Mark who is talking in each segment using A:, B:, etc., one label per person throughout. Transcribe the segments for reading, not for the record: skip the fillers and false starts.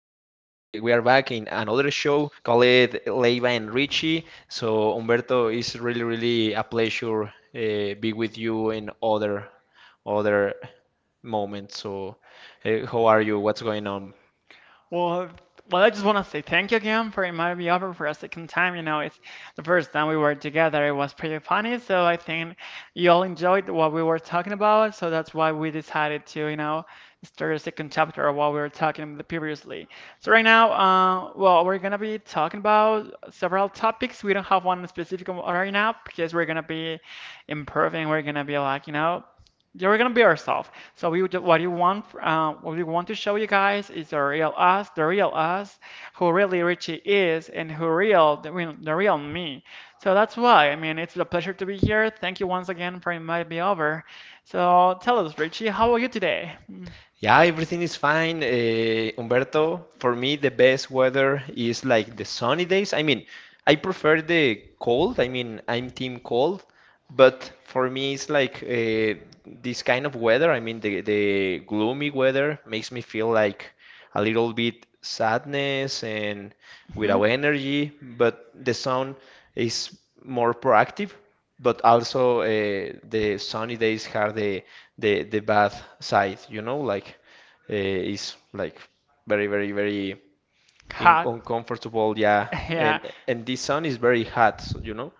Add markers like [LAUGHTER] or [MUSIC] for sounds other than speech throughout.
A: we are back in another show called Leiva and Richie. So Humberto, it's really a pleasure be with you in other moments. So how are you? What's going on?
B: Well, well, I just want to say thank you again for inviting me over for a second time. You know, it's the first time we were together. It was pretty funny, so I think you all enjoyed what we were talking about. So that's why we decided to, you know, start a second chapter of what we were talking about previously. So right now, well, we're gonna be talking about several topics. We don't have one specific one right now because we're gonna be improving. We're gonna be like, you know, yeah, we're gonna be ourselves. So we, what you want, what we want to show you guys is the real us, who really Richie is, and who real, the real, the real me. So that's why. I mean, it's a pleasure to be here. Thank you once again for inviting me over. So tell us, Richie, how are you today?
A: Yeah, everything is fine. Humberto, for me, the best weather is like the sunny days. I mean, I prefer the cold. I mean, I'm team cold, but for me, it's like this kind of weather. I mean, the gloomy weather makes me feel like a little bit sadness and
B: Hmm.
A: without energy, but the sun is more proactive, but also the sunny days have the the bad side, you know, like it's like very in
B: Hot.
A: uncomfortable, yeah.
B: [LAUGHS]
A: And
B: Yeah,
A: and this sun is very hot, so, you know.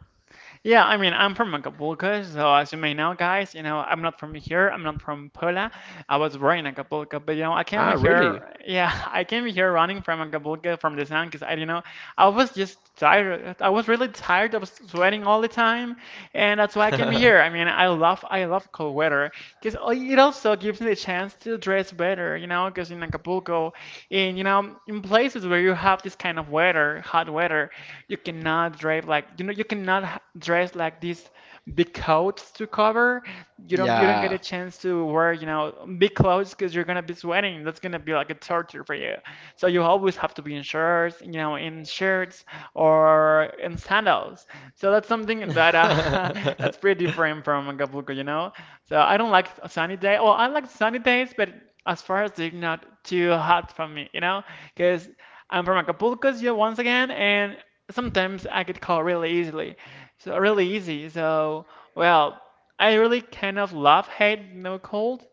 B: yeah. I mean, I'm from Acapulco, so as you may know, guys, you know, I'm not from here. I'm not from Puebla. I was born in Acapulco, but you know, I came
A: Ah, really?
B: here. Yeah, [LAUGHS] I came here running from Acapulco from the sun because I was just tired. I was really tired. I was sweating all the time, and that's why I came here. I
A: [LAUGHS]
B: mean, I love cold weather because it also gives me the chance to dress better. You know, because in Acapulco, in places where you have this kind of weather, hot weather, you cannot drive like, you know, you cannot h- dress like this big coats to cover. You don't get a
A: Yeah.
B: chance to wear, you know, big clothes because you're gonna be sweating. That's gonna be like a torture for you. So you always have to be in shirts, you know, in shirts or in sandals. So that's something that [LAUGHS] that's
A: [LAUGHS]
B: pretty different from Acapulco, you know. So I don't like sunny day. Well, I like sunny days, but as far as they're not too hot from me, you know, because I'm from Acapulco, yeah, once again, and sometimes I get cold really easily. So really easy. So well, I really kind of love hate you know cold.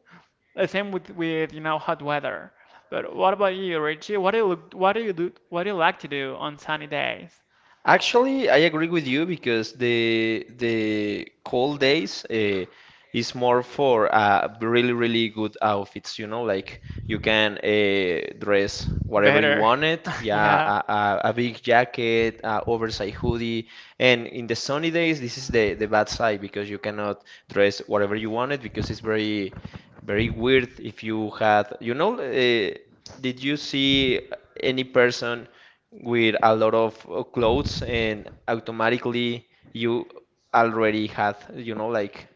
B: The same with you know hot weather. But what about you, Richie? What do you like to do on sunny days?
A: Actually, I agree with you because the cold days is more for really really good outfits. You know, like you can dress whatever you
B: Better.
A: want it.
B: [LAUGHS]
A: Yeah,
B: Yeah.
A: a big jacket, a oversized hoodie, and in the sunny days, this is the bad side because you cannot dress whatever you wanted because it's very weird if you had, you know, did you see any person with a lot of clothes and automatically you already had, you know, like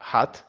A: hat?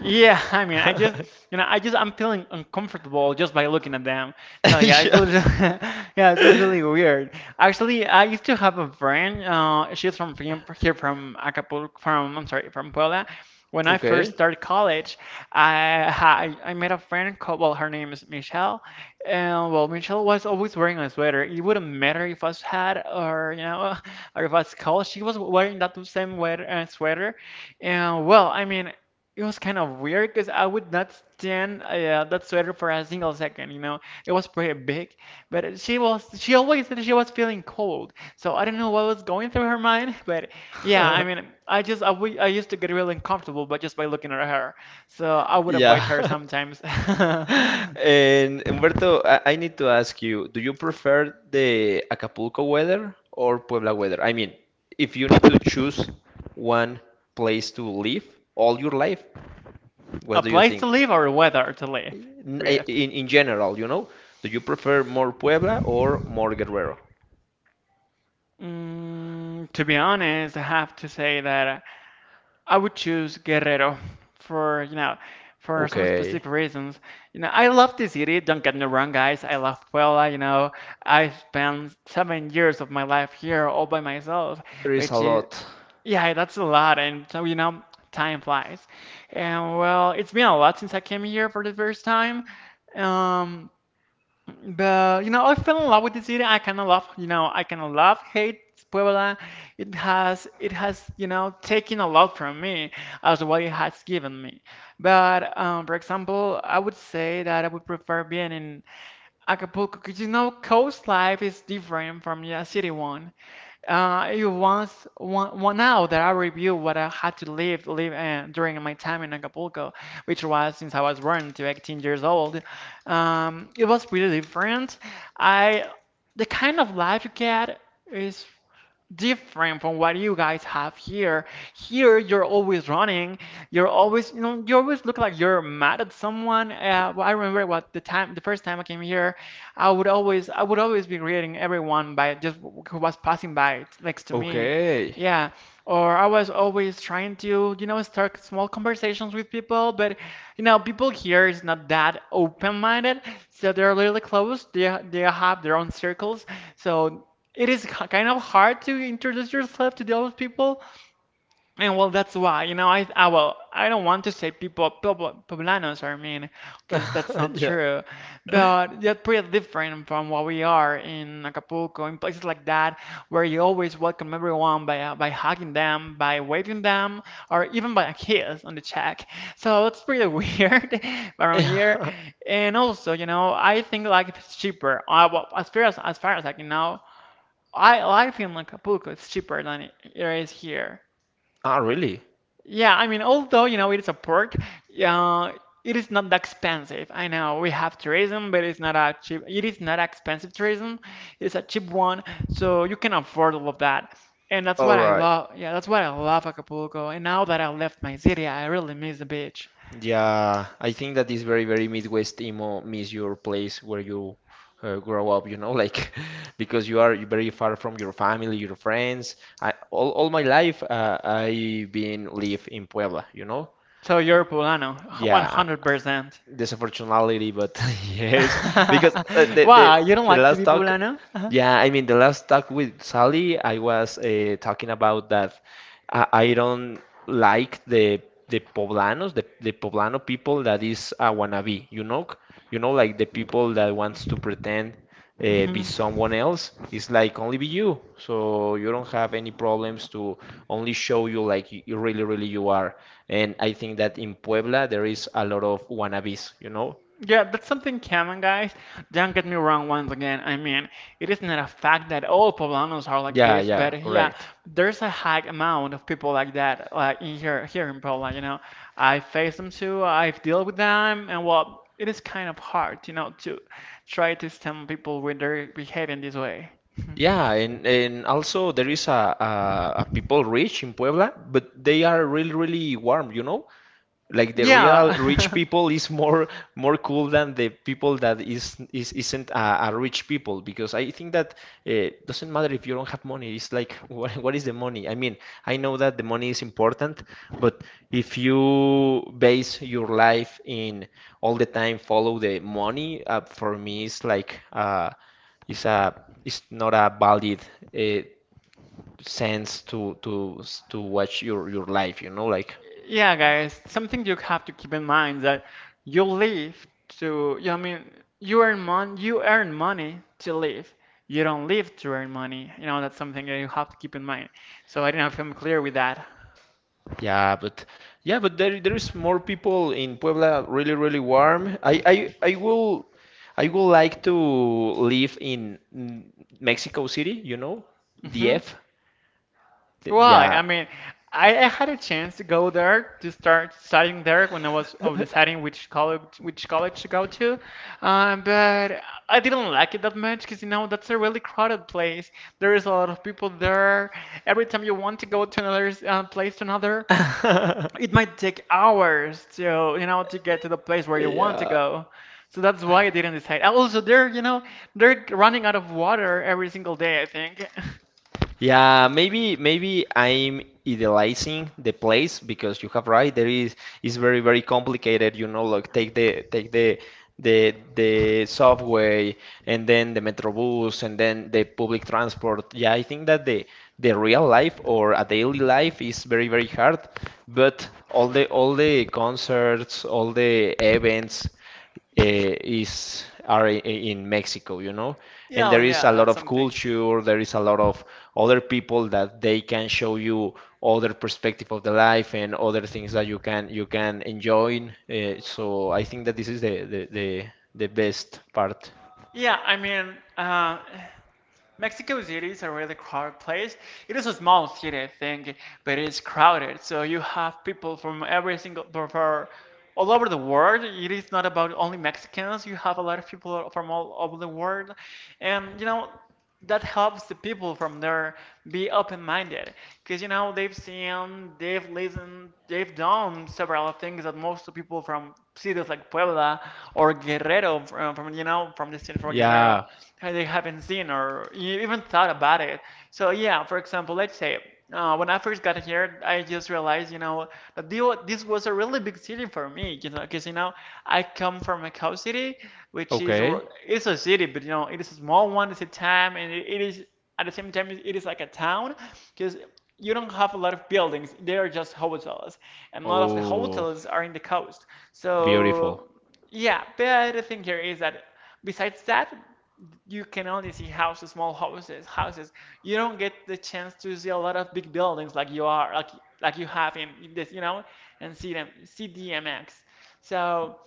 B: Yeah, [LAUGHS] I mean,
A: [LAUGHS]
B: you know, I just, I'm feeling uncomfortable just by looking at them. So yeah, I
A: Yeah.
B: feel, [LAUGHS] yeah, it feels really
A: [LAUGHS]
B: weird. Actually, I used to have a friend. She's from here from Acapulco, from Puebla. When I first
A: Okay.
B: started college, I ha- I made a friend called, well, her name is Michelle, and well, Michelle was always wearing a sweater. It wouldn't matter if I was hot or you know, [LAUGHS] or if I was cold. She was wearing that same sweater, and well, I mean. It was kind of weird because I would not stand that sweater for a single second, you know. It was pretty big, but she always said she was feeling cold. So I don't know what was going through her mind, [LAUGHS] but yeah, I
A: [LAUGHS]
B: mean, I just I, w I used to get really uncomfortable but just by looking at her. So I would
A: Yeah.
B: avoid her
A: [LAUGHS]
B: sometimes. [LAUGHS]
A: And Humberto, I need to ask you, do you prefer the Acapulco weather or Puebla weather? I mean, if you need to choose one place to live all your life,
B: A
A: what do you
B: place to
A: think?
B: live or a weather to live
A: In,
B: with.
A: in, in general, you know, do you prefer more Puebla or more Guerrero?
B: Mm, to be honest, I have to say that I would choose Guerrero for, you know, for some
A: Okay,
B: specific reasons. You know, I love the city, don't get me wrong, guys. I love Puebla, you know. I spent 7 years of my life here all by myself,
A: there is a
B: which is,
A: lot.
B: yeah, that's a lot. And so, you know, time flies. And well, it's been a lot since I came here for the first time. Um, but you know, I fell in love with the city. I kind of love, you know, I kind of love hate Puebla. It has, you know, taken a lot from me as what it has given me. But for example, I would say that I would prefer being in Acapulco because you know, coast life is different from the city one. It was one now that I review what I had to live during my time in Acapulco, which was since I was born to 18 years old. It was pretty different. I the kind of life you get is different from what you guys have here. Here, you're always running. You're always, you know, you always look like you're mad at someone. Well, I remember what the time, the first time I came here, I would always be greeting everyone by just who was passing by next to me.
A: Okay.
B: Yeah, or I was always trying to, you know, start small conversations with people, but you know, people here is not that open-minded, so they're really closed. They have their own circles, so kind of hard to introduce yourself to those people. And well, that's why, you know, I well, I don't want to say people, pobl- poblanos are mean, because that's not
A: [LAUGHS] Yeah.
B: true. But they're pretty different from what we are in Acapulco, in places like that, where you always welcome everyone by hugging them, by waving them, or even by a kiss on the cheek. So it's pretty [LAUGHS] weird around here.
A: [LAUGHS]
B: And also, you know, I think like it's cheaper. Well, as far as I can know, I like Finland. Like Acapulco It's cheaper than it is here.
A: Ah, really?
B: Yeah, I mean, although, you know, it is a port, uh, it is not that expensive. I know we have tourism, but it is not expensive tourism. It's a cheap one, so you can afford all of that. And that's
A: All
B: what I
A: right.
B: love. Yeah, that's what I love Acapulco. And now that I left my city, I really miss the beach.
A: Yeah, I think that is very Midwest emo miss your place where you grow up, you know, like [LAUGHS] because you are very far from your family, your friends. I all my life I been live in Puebla, you know.
B: So you're Poblano,
A: Yeah,
B: 100%.
A: disfortunately, but [LAUGHS] yes, because
B: [LAUGHS]
A: the the
B: Wow, you don't
A: the
B: like to
A: last
B: be
A: talk.
B: Poblano? Uh-huh.
A: Yeah, I mean, the last talk with Sally, I was talking about that I don't like the poblanos, the poblano people that is a wannabe, you know? You know, like the people that wants to pretend be
B: Mhm. [LAUGHS]
A: someone else. It's like only be you. So you don't have any problems to only show you like you really, really you are. And I think that in Puebla there is a lot of wannabes, you know?
B: Yeah, that's something common, guys. Don't get me wrong once again. I mean, it is not a fact that all poblanos are like
A: Yeah,
B: this,
A: yeah,
B: but yeah,
A: correct.
B: there's a high amount of people like that, like in here in Puebla, you know. I face them too, I've dealt with them, and well, it is kind of hard, you know, to try to stem people when they're behaving this way. [LAUGHS]
A: Yeah, and also there is a people rich in Puebla, but they are really really warm, you know? Like the real rich
B: Yeah. [LAUGHS]
A: people is more cool than the people that is, isn't a rich people because I think that it doesn't matter if you don't have money. It's like [LAUGHS] what is the money? I mean, I know that the money is important, but if you base your life in all the time follow the money, for me it's like it's a it's not a valid uh, sense to to watch your life. You know, like
B: Yeah, guys, something you have to keep in mind that you live to, you know, I mean, you earn money to live. You don't live to earn money. You know, that's something that you have to keep in mind. So I don't know if I'm clear with that.
A: yeah, but yeah, but there is more people in Puebla really really warm. I will I will like to live in mm, Mexico City, you know,
B: hmm
A: DF. Th-
B: Well,
A: Yeah.
B: I mean, I had a chance to go there to start studying there when I was deciding which college to go to, but I didn't like it that much because you know that's a really crowded place. There is a lot of people there. Every time you want to go to another place to another, it
A: [LAUGHS]
B: might take hours to you know to get to the place where you want to
A: Yeah.
B: go. So that's why I didn't decide. Also, they're you know they're running out of water every single day, I think. [LAUGHS]
A: Yeah, maybe I'm idealizing the place because you have right. There is very complicated. You know, like take the the subway and then the metrobus and then the public transport. Yeah, I think that the real life or a daily life is very hard. But all the concerts, all the events is are I- in Mexico, you know, and
B: Yeah,
A: there is
B: yeah,
A: a lot
B: that's
A: of
B: something.
A: culture, there is a lot of other people that they can show you other perspective of the life and other things that you can enjoy. So I think that this is the best part.
B: Yeah, I mean, Mexico City is a really crowded place. It is a small city, I think, but it is crowded. So you have people from every single, from for all over the world. It is not about only Mexicans. You have a lot of people from all over the world, and you know that helps the people from there be open-minded because you know they've seen, they've listened, they've done several things that most people from cities like Puebla or Guerrero, from you know, from the state for Guerrero,
A: Yeah.
B: they haven't seen or even thought about it. So yeah, for example, let's say when I first got here, I just realized, you know, that this was a really big city for me, you know, because you know, I come from Macau City, which is
A: Okay.
B: it's a city, but you know, it is a small one. It's a town, and it is at the same time it is like a town because you don't have a lot of buildings. They are just hotels, and a lot of the
A: Oh,
B: hotels are in the coast,
A: beautiful.
B: so yeah. But the thing here is that besides that, you can only see houses, small houses. You don't get the chance to see a lot of big buildings like you are, like you have in this, you know, and see them, see DMX. So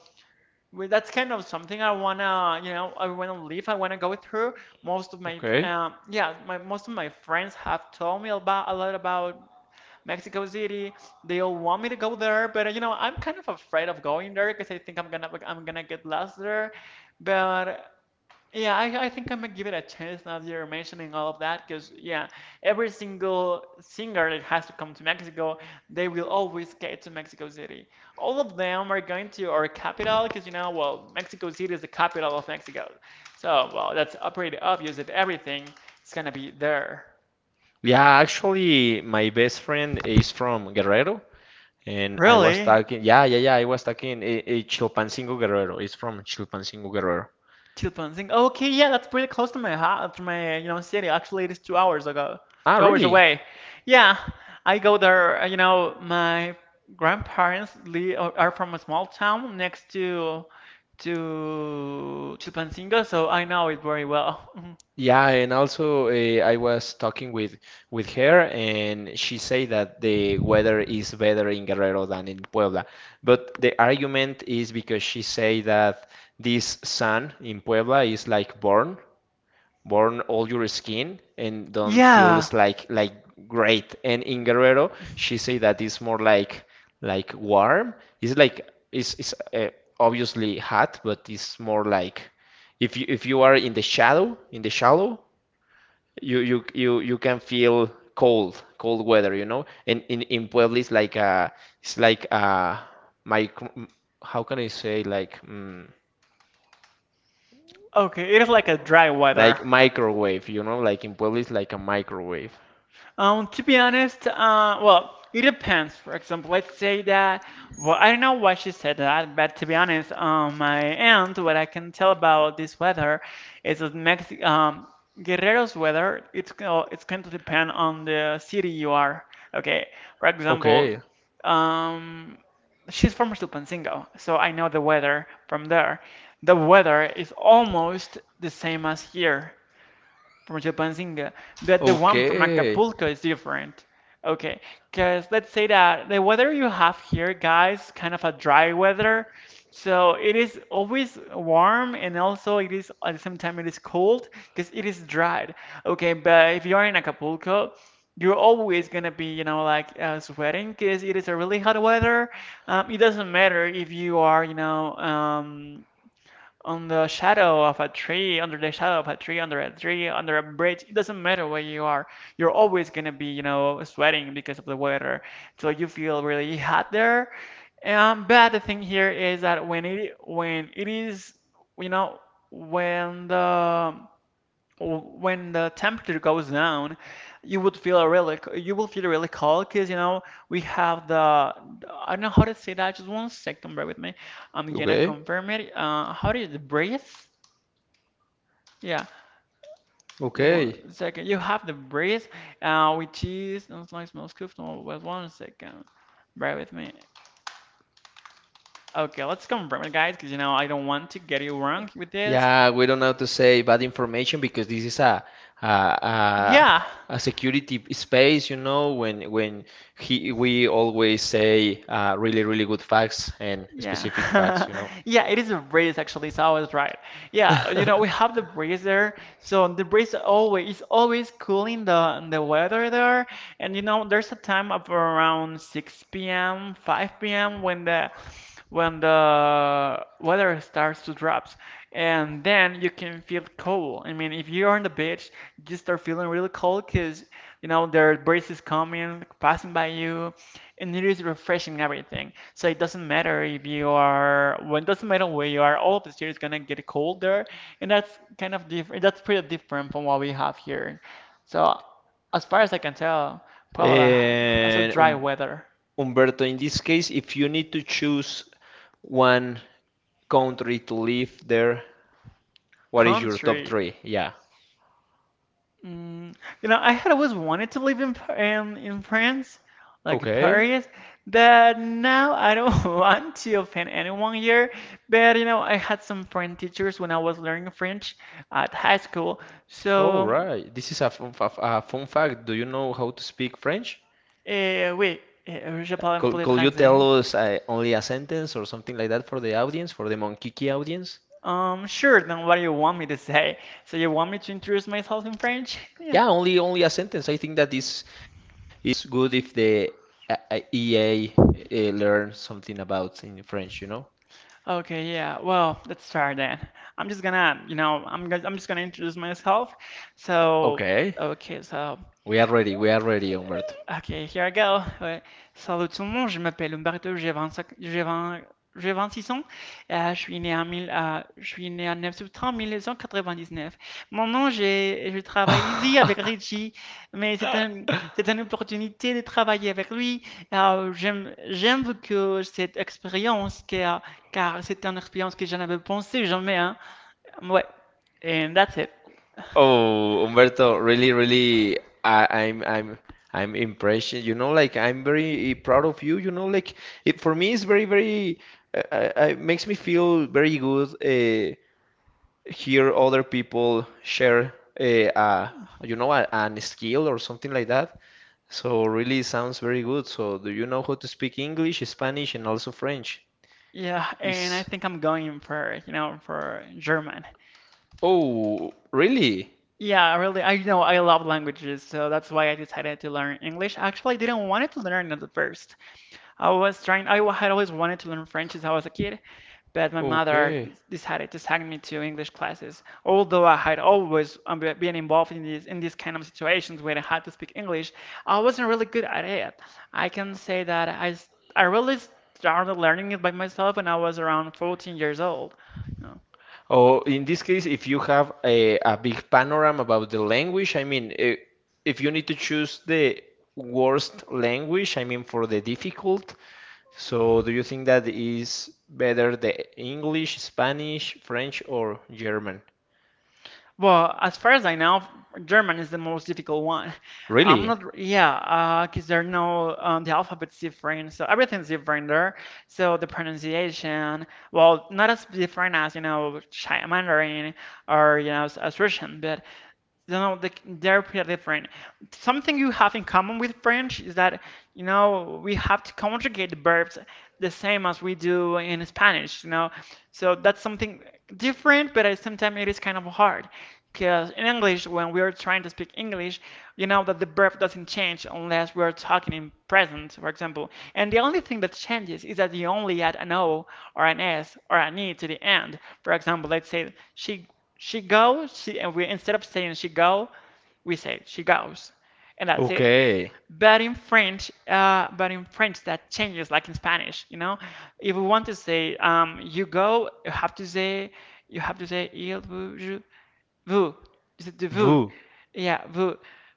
B: well, that's kind of something I wanna live. I wanna go through.
A: Okay.
B: Most of my friends have told me about a lot about Mexico City. They all want me to go there, but you know, I'm kind of afraid of going there because I think I'm gonna get lost there. But yeah, I think I'm gonna give it a chance now that you're mentioning all of that, because yeah, every single singer that has to come to Mexico, they will always get to Mexico City. All of them are going to our capital, because you know, well, Mexico City is the capital of Mexico. So, well, that's pretty obvious that everything is gonna be there.
A: Yeah, actually, my best friend is from Guerrero, and I was
B: Really?
A: talking, yeah, yeah, yeah, I was talking a Chilpancingo Guerrero. It's from Chilpancingo Guerrero.
B: Chilpanzingo. Okay, yeah, that's pretty close to my house, to my city. Actually, it is
A: Ah,
B: 2 hours
A: really?
B: away. Yeah, I go there. My grandparents are from a small town next to Chilpancingo, so I know it very well. [LAUGHS] Mhm.
A: Yeah, and also I was talking with her, and she said that the weather is better in Guerrero than in Puebla. But the argument is because she say that this sun in Puebla is like born. Burn all your skin and don't feel
B: Yeah.
A: this like great. And in Guerrero, she say that it's more like warm. It's like it's obviously hot, but it's more like if you are in the shadow, in the shallow, you can feel cold, cold weather, you know. And in Puebla, it's like a micro. How can I say like mm,
B: Okay, it is like a dry weather.
A: like microwave, you know? Like in Puebla, it's like a microwave.
B: To be honest, well, it depends. For example, let's say that, well, I don't know why she said that, but to be honest, on my end, what I can tell about this weather is that Mexico, Guerrero's weather, it's going to depend on the city you are. Okay, for
A: Okay.
B: example, um, she's from Chilpancingo, so I know the weather from there. The weather is almost the same as here from Chilpancingo, but the one from
A: Okay.
B: Acapulco is different. Okay, because let's say that the weather you have here, guys, kind of a dry weather. So it is always warm, and also it is, at the same time it is cold because it is dried. Okay, but if you're in Acapulco, you're always gonna be, you know, like sweating because it is a really hot weather. It doesn't matter if you are, you know, on the shadow of a tree, under the shadow of a tree, under a tree, under a bridge. It doesn't matter where you are. You're always gonna be, you know, sweating because of the weather. So you feel really hot there. But the thing here is that when it is, you know, when the when the temperature goes down, you would feel really, you will feel really cold because you know we have the, I don't know how to say that. Just one second, bear with me. I'm gonna
A: Okay.
B: confirm it. How do you the breeze? Yeah, just one
A: Okay.
B: second. You have the breeze, which is no smells comfortable. Wait one second, bear with me. Okay, let's confirm it, guys, because you know I don't want to get you wrong with this.
A: Yeah, we don't have to say bad information because this is a a,
B: Yeah.
A: a security space, you know, when he we always say really really good facts and
B: Yeah.
A: specific facts, you know.
B: [LAUGHS] Yeah, it is a breeze actually, so I was right. Yeah, you know, we
A: [LAUGHS]
B: have the breeze there, so the breeze always is always cooling the weather there. And you know, there's a time of around 6 p.m., 5 p.m. when the weather starts to drop, and then you can feel cold. I mean, if you're on the beach, you start feeling really cold because you know the breeze is coming, passing by you, and it is refreshing everything. So it doesn't matter if you are, well, it doesn't matter where you are. All of the year is gonna get colder, and that's kind of different. That's pretty different from what we have here. So as far as I can tell, Puebla has a
A: And
B: dry weather.
A: Umberto, in this case, if you need to choose one country to live there, what is your top
B: Country.
A: three? Yeah.
B: Mm, you know, I had always wanted to live in in France, like
A: Okay.
B: Paris, but now I don't [LAUGHS] want to offend anyone here. But you know, I had some French teachers when I was learning French at high school,
A: All
B: so
A: right. This is a fun, fa- a fun fact. Do you know how to speak French?
B: oui, je parle un peu le
A: Could you
B: français.
A: tell us only a sentence or something like that for the audience, for the Monkiki audience?
B: Sure. Then what do you want me to say? So you want me to introduce myself in French? [LAUGHS] Yeah.
A: Yeah, only only a sentence. I think that is good if the EA learn something about in French, you know?
B: Okay, yeah. Well, let's start then. I'm just gonna, you know, I'm gonna, I'm just gonna introduce myself. So,
A: Okay.
B: okay, so.
A: We are ready. We are ready, Humberto.
B: Ok, here I go. Ouais. Salut tout le monde, je m'appelle Umberto, j'ai 25, j'ai 20, j'ai 26 ans. Je suis né en 9 septembre 1999. Mon nom, j'ai, je travaille ici avec Richie, mais c'est
A: [LAUGHS]
B: un, c'est une opportunité de travailler avec lui. J'aime que cette expérience, car, car c'est une expérience que je n'avais pensé jamais. Hein. Ouais, and that's it.
A: Oh, Umberto, really, really, I'm impressed. You know, like I'm very proud of you. You know, like it for me, it's very it makes me feel very good. Hear other people share, uh, uh, you know, a, an skill or something like that. So really, sounds very good. So, do you know how to speak English, Spanish, and also French?
B: Yeah, and I
A: Is
B: think I'm going for German.
A: oh, really?
B: Yeah, I know I love languages, so that's why I decided to learn English. Actually, I didn't want to learn it at first. I was trying, I wa- had always wanted to learn French since I was a kid, but my mother
A: Okay.
B: decided to send me to English classes. Although I had always been involved in these kind of situations where I had to speak English, I wasn't really good at it. I can say that I really started learning it by myself when I was around 14 years old.
A: Or in this case, if you have a big panorama about the language, I mean, if you need to choose the worst language, I mean, for the difficult, so do you think that is better the English, Spanish, French, or German?
B: Well, as far as I know, German is the most difficult one. I'm
A: Really?
B: not, yeah, because there are no, the alphabet's different, so everything's different there. So the pronunciation, well, not as different as, you know, Mandarin or, you know, as Russian, but, you know, they're pretty different. Something you have in common with French is that, you know, we have to conjugate the verbs the same as we do in Spanish, you know. So that's something different, but at the same time it is kind of hard because in English, when we are trying to speak English, you know that the verb doesn't change unless we are talking in present, for example. And the only thing that changes is that you only add an O or an S or an E to the end. For example, let's say she goes, and we, instead of saying she go, we say she goes, and that's it.
A: Okay.
B: But in French, but in French that changes like in Spanish, you know. If we want to say you go, you have to say, il vous je vous, is it vous?
A: Vous,
B: Yeah, vous,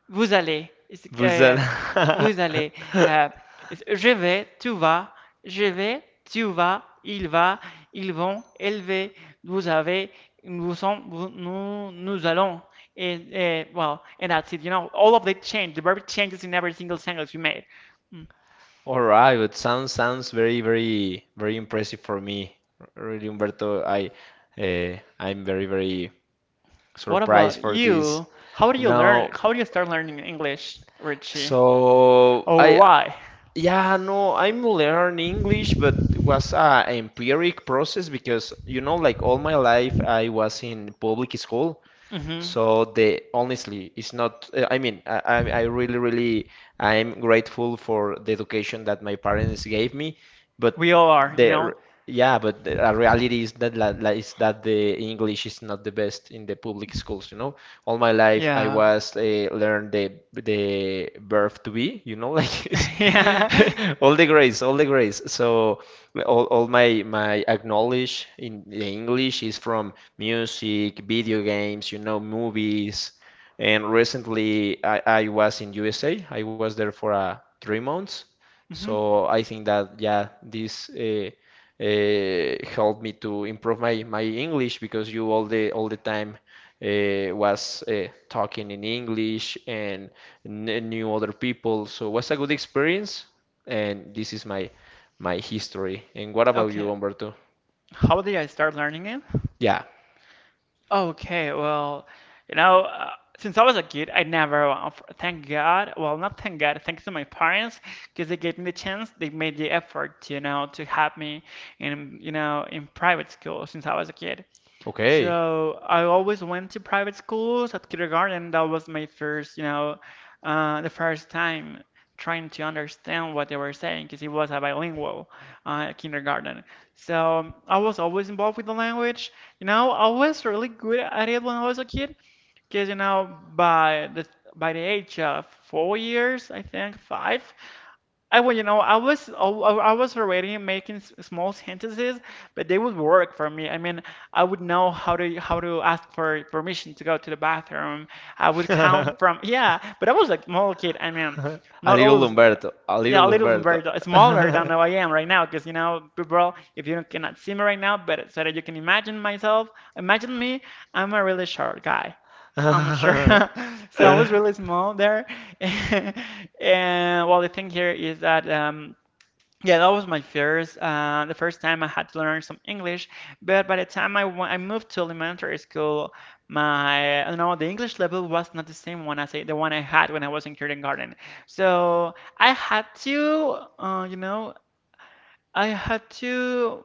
B: vous allez. Is it,
A: vous allez.
B: vous allez.
A: [LAUGHS]
B: Ça- is- je vais, tu vas, je vais, tu vas, il va, ils vont, elle va, vous avez, nous sommes, nous allons. And, well, and that's it. You know, all of that change. The verb changes in every single sentence you made.
A: All right, but sounds very impressive for me. Really, Humberto, I'm very
B: What
A: surprise
B: about
A: for this.
B: you? How do you learn?
A: Now.
B: How do you start learning English, Richie?
A: So
B: Or
A: I
B: why?
A: yeah no I'm learning English, but it was a empiric process because you know like all my life I was in public school,
B: Hmm.
A: so the honestly, it's not. I mean, I really, really, I'm grateful for the education that my parents gave me. But
B: We all are, you
A: the
B: know?
A: r- yeah, but the reality is that is that the English is not the best in the public schools. You know, all my life I
B: Yeah.
A: was learned the verb to be. You know, [LAUGHS] like it's
B: [LAUGHS] Yeah.
A: [LAUGHS] all the grades, all the grades. So all my my acknowledge in the English is from music, video games, you know, movies. And recently, I was in USA. I was there for 3 months.
B: Hmm.
A: So I think that yeah, this helped me to improve my, my English because you all the time was talking in English and kn- knew other people. So was a good experience. And this is my my history. And what about
B: Okay.
A: you, Umberto?
B: How did I start learning it?
A: Yeah.
B: Okay, well, you know, since I was a kid, I never, f- thank God, well, not thank God, thanks to my parents, because they gave me the chance, they made the effort, you know, to have me in private school since I was a kid.
A: Okay.
B: So I always went to private schools at kindergarten. That was my first, you know, the first time trying to understand what they were saying because it was a bilingual kindergarten. So I was always involved with the language. You know, I was really good at it when I was a kid because, you know, by the age of 4 years, I think five, I well, you know, I was already making small sentences, but they would work for me. I mean, I would know how to ask for permission to go to the bathroom. I would count
A: [LAUGHS]
B: from Yeah, but I was a small kid. I mean,
A: [LAUGHS] A
B: not
A: little
B: always.
A: Humberto. A
B: Yeah,
A: little
B: a little,
A: Humberto.
B: very smaller than how I am right now, because you know, people, if you cannot see me right now, but so that you can imagine myself, imagine me, I'm a really short guy. I'm not sure. [LAUGHS]
A: [LAUGHS]
B: So I was really small there. [LAUGHS] And well, the thing here is that yeah, that was my first the first time I had to learn some English, but by the time I moved to elementary school, my you know, the English level was not the same one the one I had when I was in kindergarten. So I had to I had to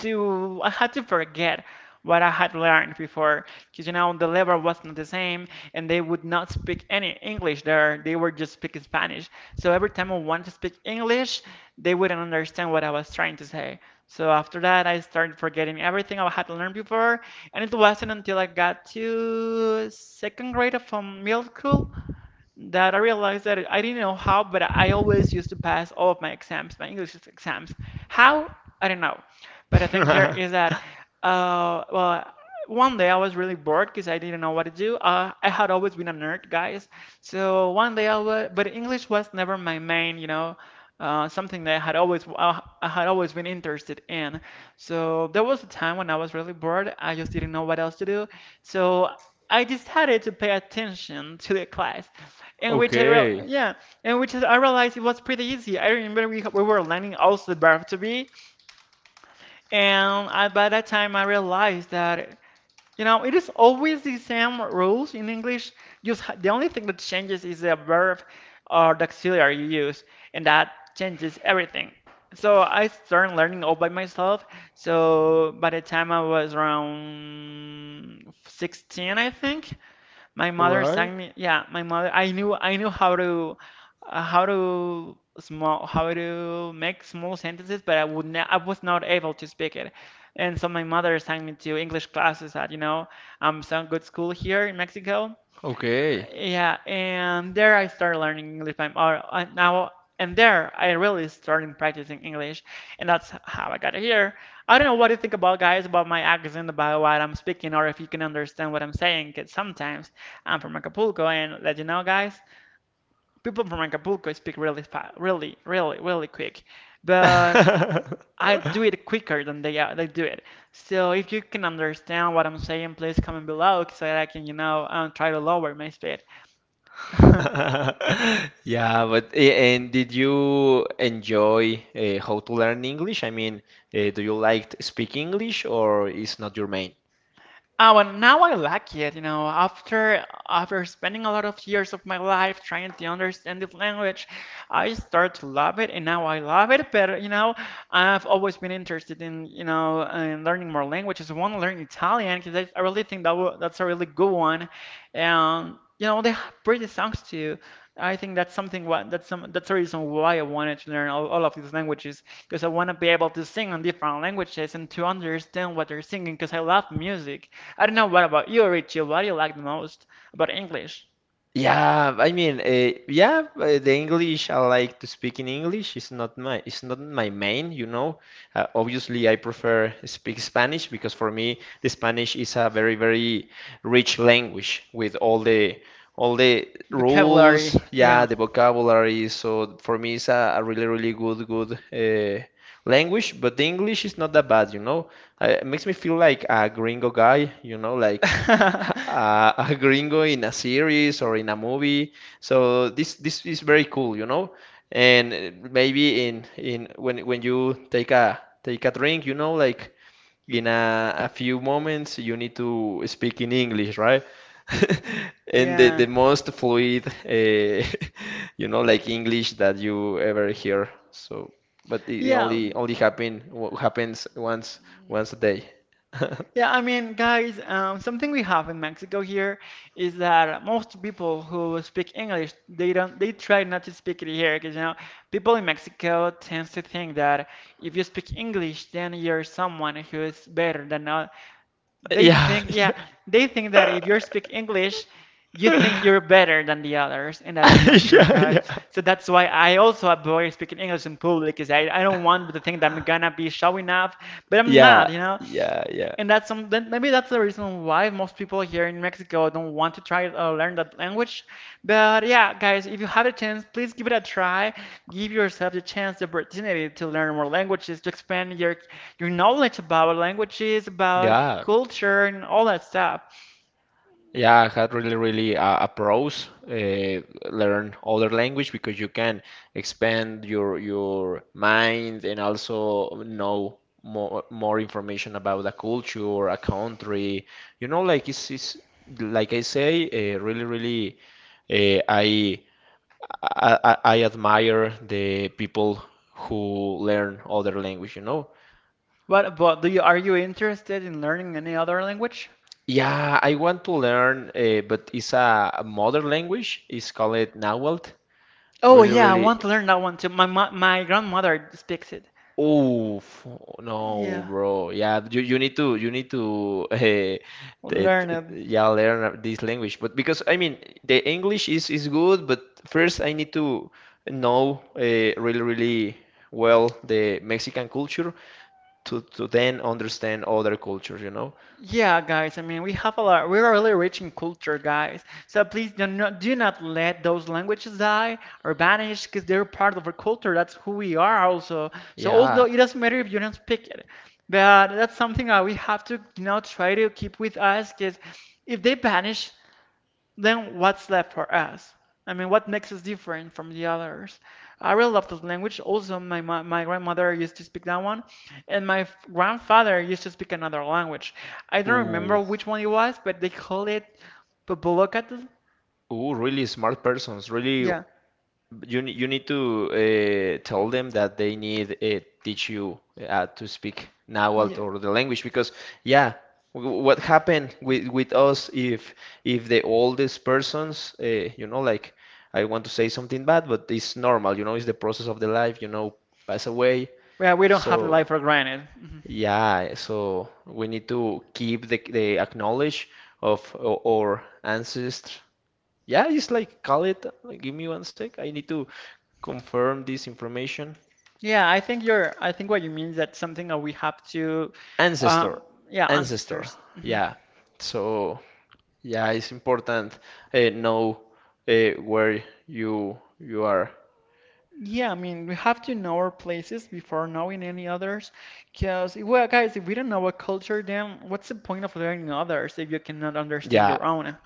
B: I had to forget what I had learned before because you know the level was not the same, and they would not speak any English there. They were just speaking Spanish, so every time I wanted to speak English they wouldn't understand what I was trying to say. So after that I started forgetting everything I had learned before, and it wasn't until I got to second grade of middle school that I realized that I didn't know how, but I always used to pass all of my exams, my English exams. How? I don't know. But the thing here is that, well, one day I was really bored because I didn't know what to do. I had always been a nerd, guys. So one day I was, but English was never my main, you know, something that I had always been interested in. So there was a time when I was really bored. I just didn't know what else to do. So I decided to pay attention [LAUGHS] to the class. And which I real
A: Okay.
B: yeah, and which I realized it was pretty easy. I remember we were learning also the verb to be, and by that time I realized that you know it is always the same rules in English. The only thing that changes is the verb or the auxiliary you use, and that changes everything. So I started learning all by myself. So by the time I was around 16, I think, my
A: All
B: mother
A: right.
B: sang me. Yeah, my mother. I knew how to small how to make small sentences, but I was not able to speak it. And so my mother sang me to English classes at some good school here in Mexico.
A: Okay.
B: Yeah, and there I started learning English. I'm now and there I really started practicing English, and that's how I got here. I don't know what you think about, guys, about my accent, about what I'm speaking, or if you can understand what I'm saying. 'Cause sometimes, I'm from Acapulco, and let you know, guys, people from Acapulco speak really fast, really, really, really quick, but I
A: [LAUGHS]
B: do it quicker than they do it. So if you can understand what I'm saying, please comment below so that I can, you know, try to lower my speed. [LAUGHS]
A: Yeah, but a- and did you enjoy how to learn English? I mean, do you like speak English or is not your main?
B: Oh, and now I like it, you know, after spending a lot of years of my life trying to understand this language, I start to love it, and now I love it. But you know, I've always been interested in, you know, in learning more languages. I want to learn Italian because I really think that w that's a really good one, and you know, they have pretty songs too. I think that's something what that's the reason why I wanted to learn all of these languages because I want to be able to sing on different languages and to understand what they're singing because I love music. I don't know what about you, Richie. What do you like the most about English?
A: Yeah, I mean, yeah, the English I like to speak in English. It's not my main, you know. Obviously, I prefer speak Spanish because for me the Spanish is a very rich language with all the
B: Vocabulary,
A: rules,
B: yeah.
A: yeah, the vocabulary. So for me, it's a really really good good language. But the English is not that bad, you know. It makes me feel like a gringo guy, you know, like [LAUGHS]
B: [LAUGHS]
A: a gringo in a series or in a movie. So this is very cool, you know. And maybe in when you take a take a drink, you know, like in a few moments you need to speak in English, right? [LAUGHS] And
B: Yeah.
A: the most fluid, [LAUGHS] you know, like English that you ever hear. So, but it
B: Yeah,
A: only only happen happens once once a day. [LAUGHS]
B: Yeah, I mean, guys, something we have in Mexico here is that most people who speak English, they try not to speak it here, because you know, people in Mexico tends to think that if you speak English, then you're someone who is better than not. They
A: Yeah.
B: think, yeah,
A: [LAUGHS]
B: they think that if you speak English, you think
A: yeah.
B: you're better than the others, and that's not
A: [LAUGHS]
B: true,
A: Yeah,
B: guys.
A: yeah,
B: So that's why I also avoid speaking English in public, because I don't want to think that I'm gonna be showing off, but I'm
A: yeah,
B: not, you know.
A: yeah, yeah,
B: Then maybe that's the reason why most people here in Mexico don't want to try to learn that language. But yeah, guys, if you have a chance, please give it a try. Give yourself the chance, the opportunity to learn more languages, to expand your knowledge about languages, about
A: yeah.
B: culture, and all that stuff.
A: Yeah, I had really, really a pros learn other language because you can expand your mind and also know more more information about a culture, a country. You know, like it's like I say, really, really, uh, I, I admire the people who learn other language. You know,
B: What but do you, are you interested in learning any other language?
A: yeah, I want to learn, but it's a mother language. It's called Nahuatl.
B: Oh
A: Really,
B: yeah, I want
A: really.
B: to learn that one too. My grandmother speaks it.
A: Oh no,
B: Yeah,
A: bro. Yeah, you need to [LAUGHS] t-
B: learn it.
A: yeah learn this language. But because I mean, the English is good, but first I need to know really, really well the Mexican culture to then understand other cultures. You know?
B: Yeah, guys. I mean, we have a lot. We're really rich in culture, guys. So please do not let those languages die or vanish because they're part of our culture. That's who we are also. So although
A: Yeah.
B: it doesn't matter if you don't speak it, but that's something that we have to, you know, try to keep with us because if they vanish, then what's left for us? I mean, what makes us different from the others? I really love this language. Also, my grandmother used to speak that one, and my grandfather used to speak another language. I don't remember
A: Ooh.
B: which one it was, but they call it Popolocatal.
A: Ooh, really smart persons, really.
B: Yeah,
A: You ne- you need to tell them that they need teach you to speak Nahuatl
B: yeah.
A: or the language because yeah, w what happened with us if the oldest persons you know like I want to say something bad but it's normal you know it's the process of the life you know pass away
B: Well, we don't
A: so
B: have the life for granted. Mhm.
A: yeah so we need to keep the acknowledge of o- our ancestors yeah, just like call it. Like, give me one sec. I need to confirm this information.
B: I think what you mean is that something that we have to,
A: Ancestor,
B: um, yeah,
A: ancestor.
B: ancestors. Mhm.
A: Yeah. So yeah, it's important know where you are.
B: Yeah, I mean, we have to know our places before knowing any others. Because, well, guys, if we don't know a culture, then what's the point of learning others if you cannot understand your
A: Yeah.
B: own?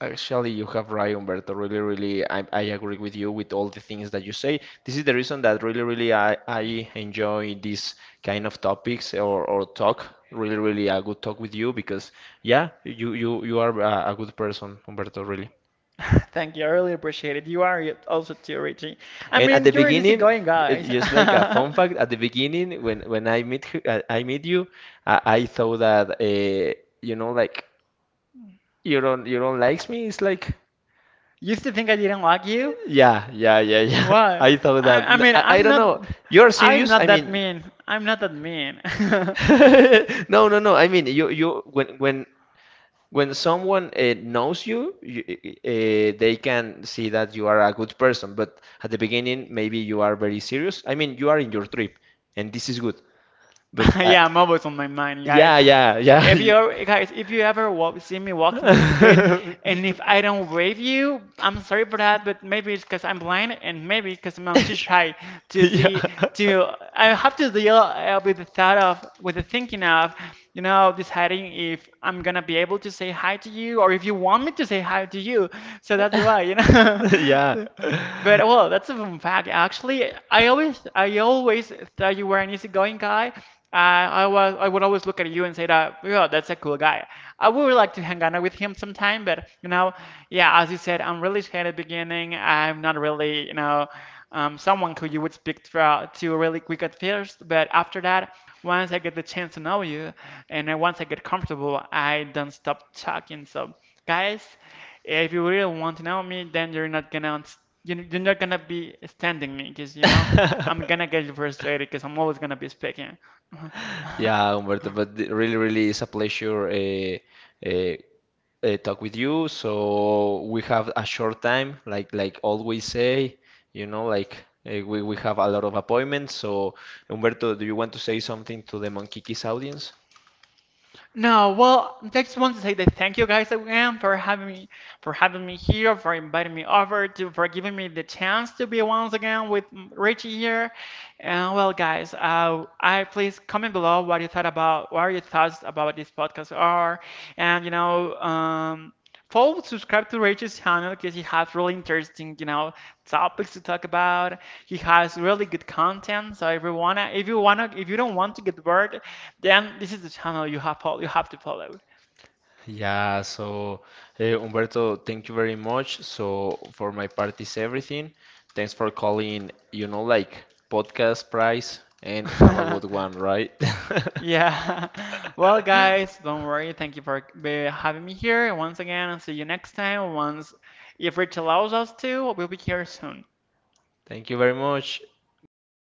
A: Actually, you have right, Humberto. Really, really, I agree with you with all the things that you say. This is the reason that really, really, I enjoy these kind of topics or talk. Really, really, a good talk with you because, yeah, you are a good person, Humberto. Really.
B: [LAUGHS] Thank you, I really appreciate it. You are also too, Richie. I
A: And at
B: mean,
A: the
B: you're an
A: beginning,
B: easygoing guy.
A: j- just like a fun fact, at the beginning, when I meet her, I meet you, I thought that you know, like you don't likes me. It's like
B: [LAUGHS] Used to think I didn't like you?
A: yeah. [LAUGHS]
B: Why?
A: I thought that.
B: I
A: N-
B: mean,
A: I don't know. You're
B: I'm
A: serious?
B: not
A: I
B: that
A: mean,
B: mean. I'm not that mean. [LAUGHS]
A: [LAUGHS] no. I mean, when, when someone knows you, you they can see that you are a good person. But at the beginning, maybe you are very serious. I mean, you are in your trip, and this is good.
B: [LAUGHS]
A: But
B: yeah, I'm always on my mind, guys.
A: yeah, yeah, yeah.
B: If you ever see me walking on the street, and if
A: [LAUGHS]
B: I don't wave you, I'm sorry for that, but maybe it's because I'm blind, and maybe because I'm too shy to
A: Yeah.
B: see. To I have to deal with with the thinking of, you know, deciding if I'm gonna be able to say hi to you, or if you want me to say hi to you. So that's why, you
A: [LAUGHS] Yeah.
B: know. [LAUGHS] But well, that's a fun fact. Actually, I always thought you were an easygoing guy. I would always look at you and say that, yeah, that's a cool guy. I would like to hang out with him sometime, but you know, yeah, as you said, I'm really shy at the beginning. I'm not really, you know, someone who you would speak to, really quick at first, but after that, once I get the chance to know you, and then once I get comfortable, I don't stop talking. So guys, if you really want to know me, then you're not gonna be standing me because you know I'm gonna
A: [LAUGHS]
B: get you frustrated because I'm always gonna be speaking.
A: Yeah, Humberto, but it really, really it's a pleasure uh, talk with you. So we have a short time, like always say, you know, like we have a lot of appointments. So Humberto, do you want to say something to the Monkiki's audience?
B: No, well, I just want to say that thank you guys again for having me, for inviting me over, to for giving me the chance to be once again with Richie here. And well, guys, I please comment below what your thoughts about this podcast are, and you know, follow, subscribe to Rachel's channel because he has really interesting, you know, topics to talk about. He has really good content. So if you don't want to get bored, then this is the channel you have to follow.
A: Yeah, so Humberto, thank you very much. So for my part is everything. Thanks for calling, you know, like podcast price and have a good one,
B: [LAUGHS]
A: right?
B: yeah. Well, guys,
A: [LAUGHS]
B: don't worry. Thank you for having me here once again. And see you next time. Once if Rachel allows us to, we'll be here soon.
A: Thank you very much. Bye bye.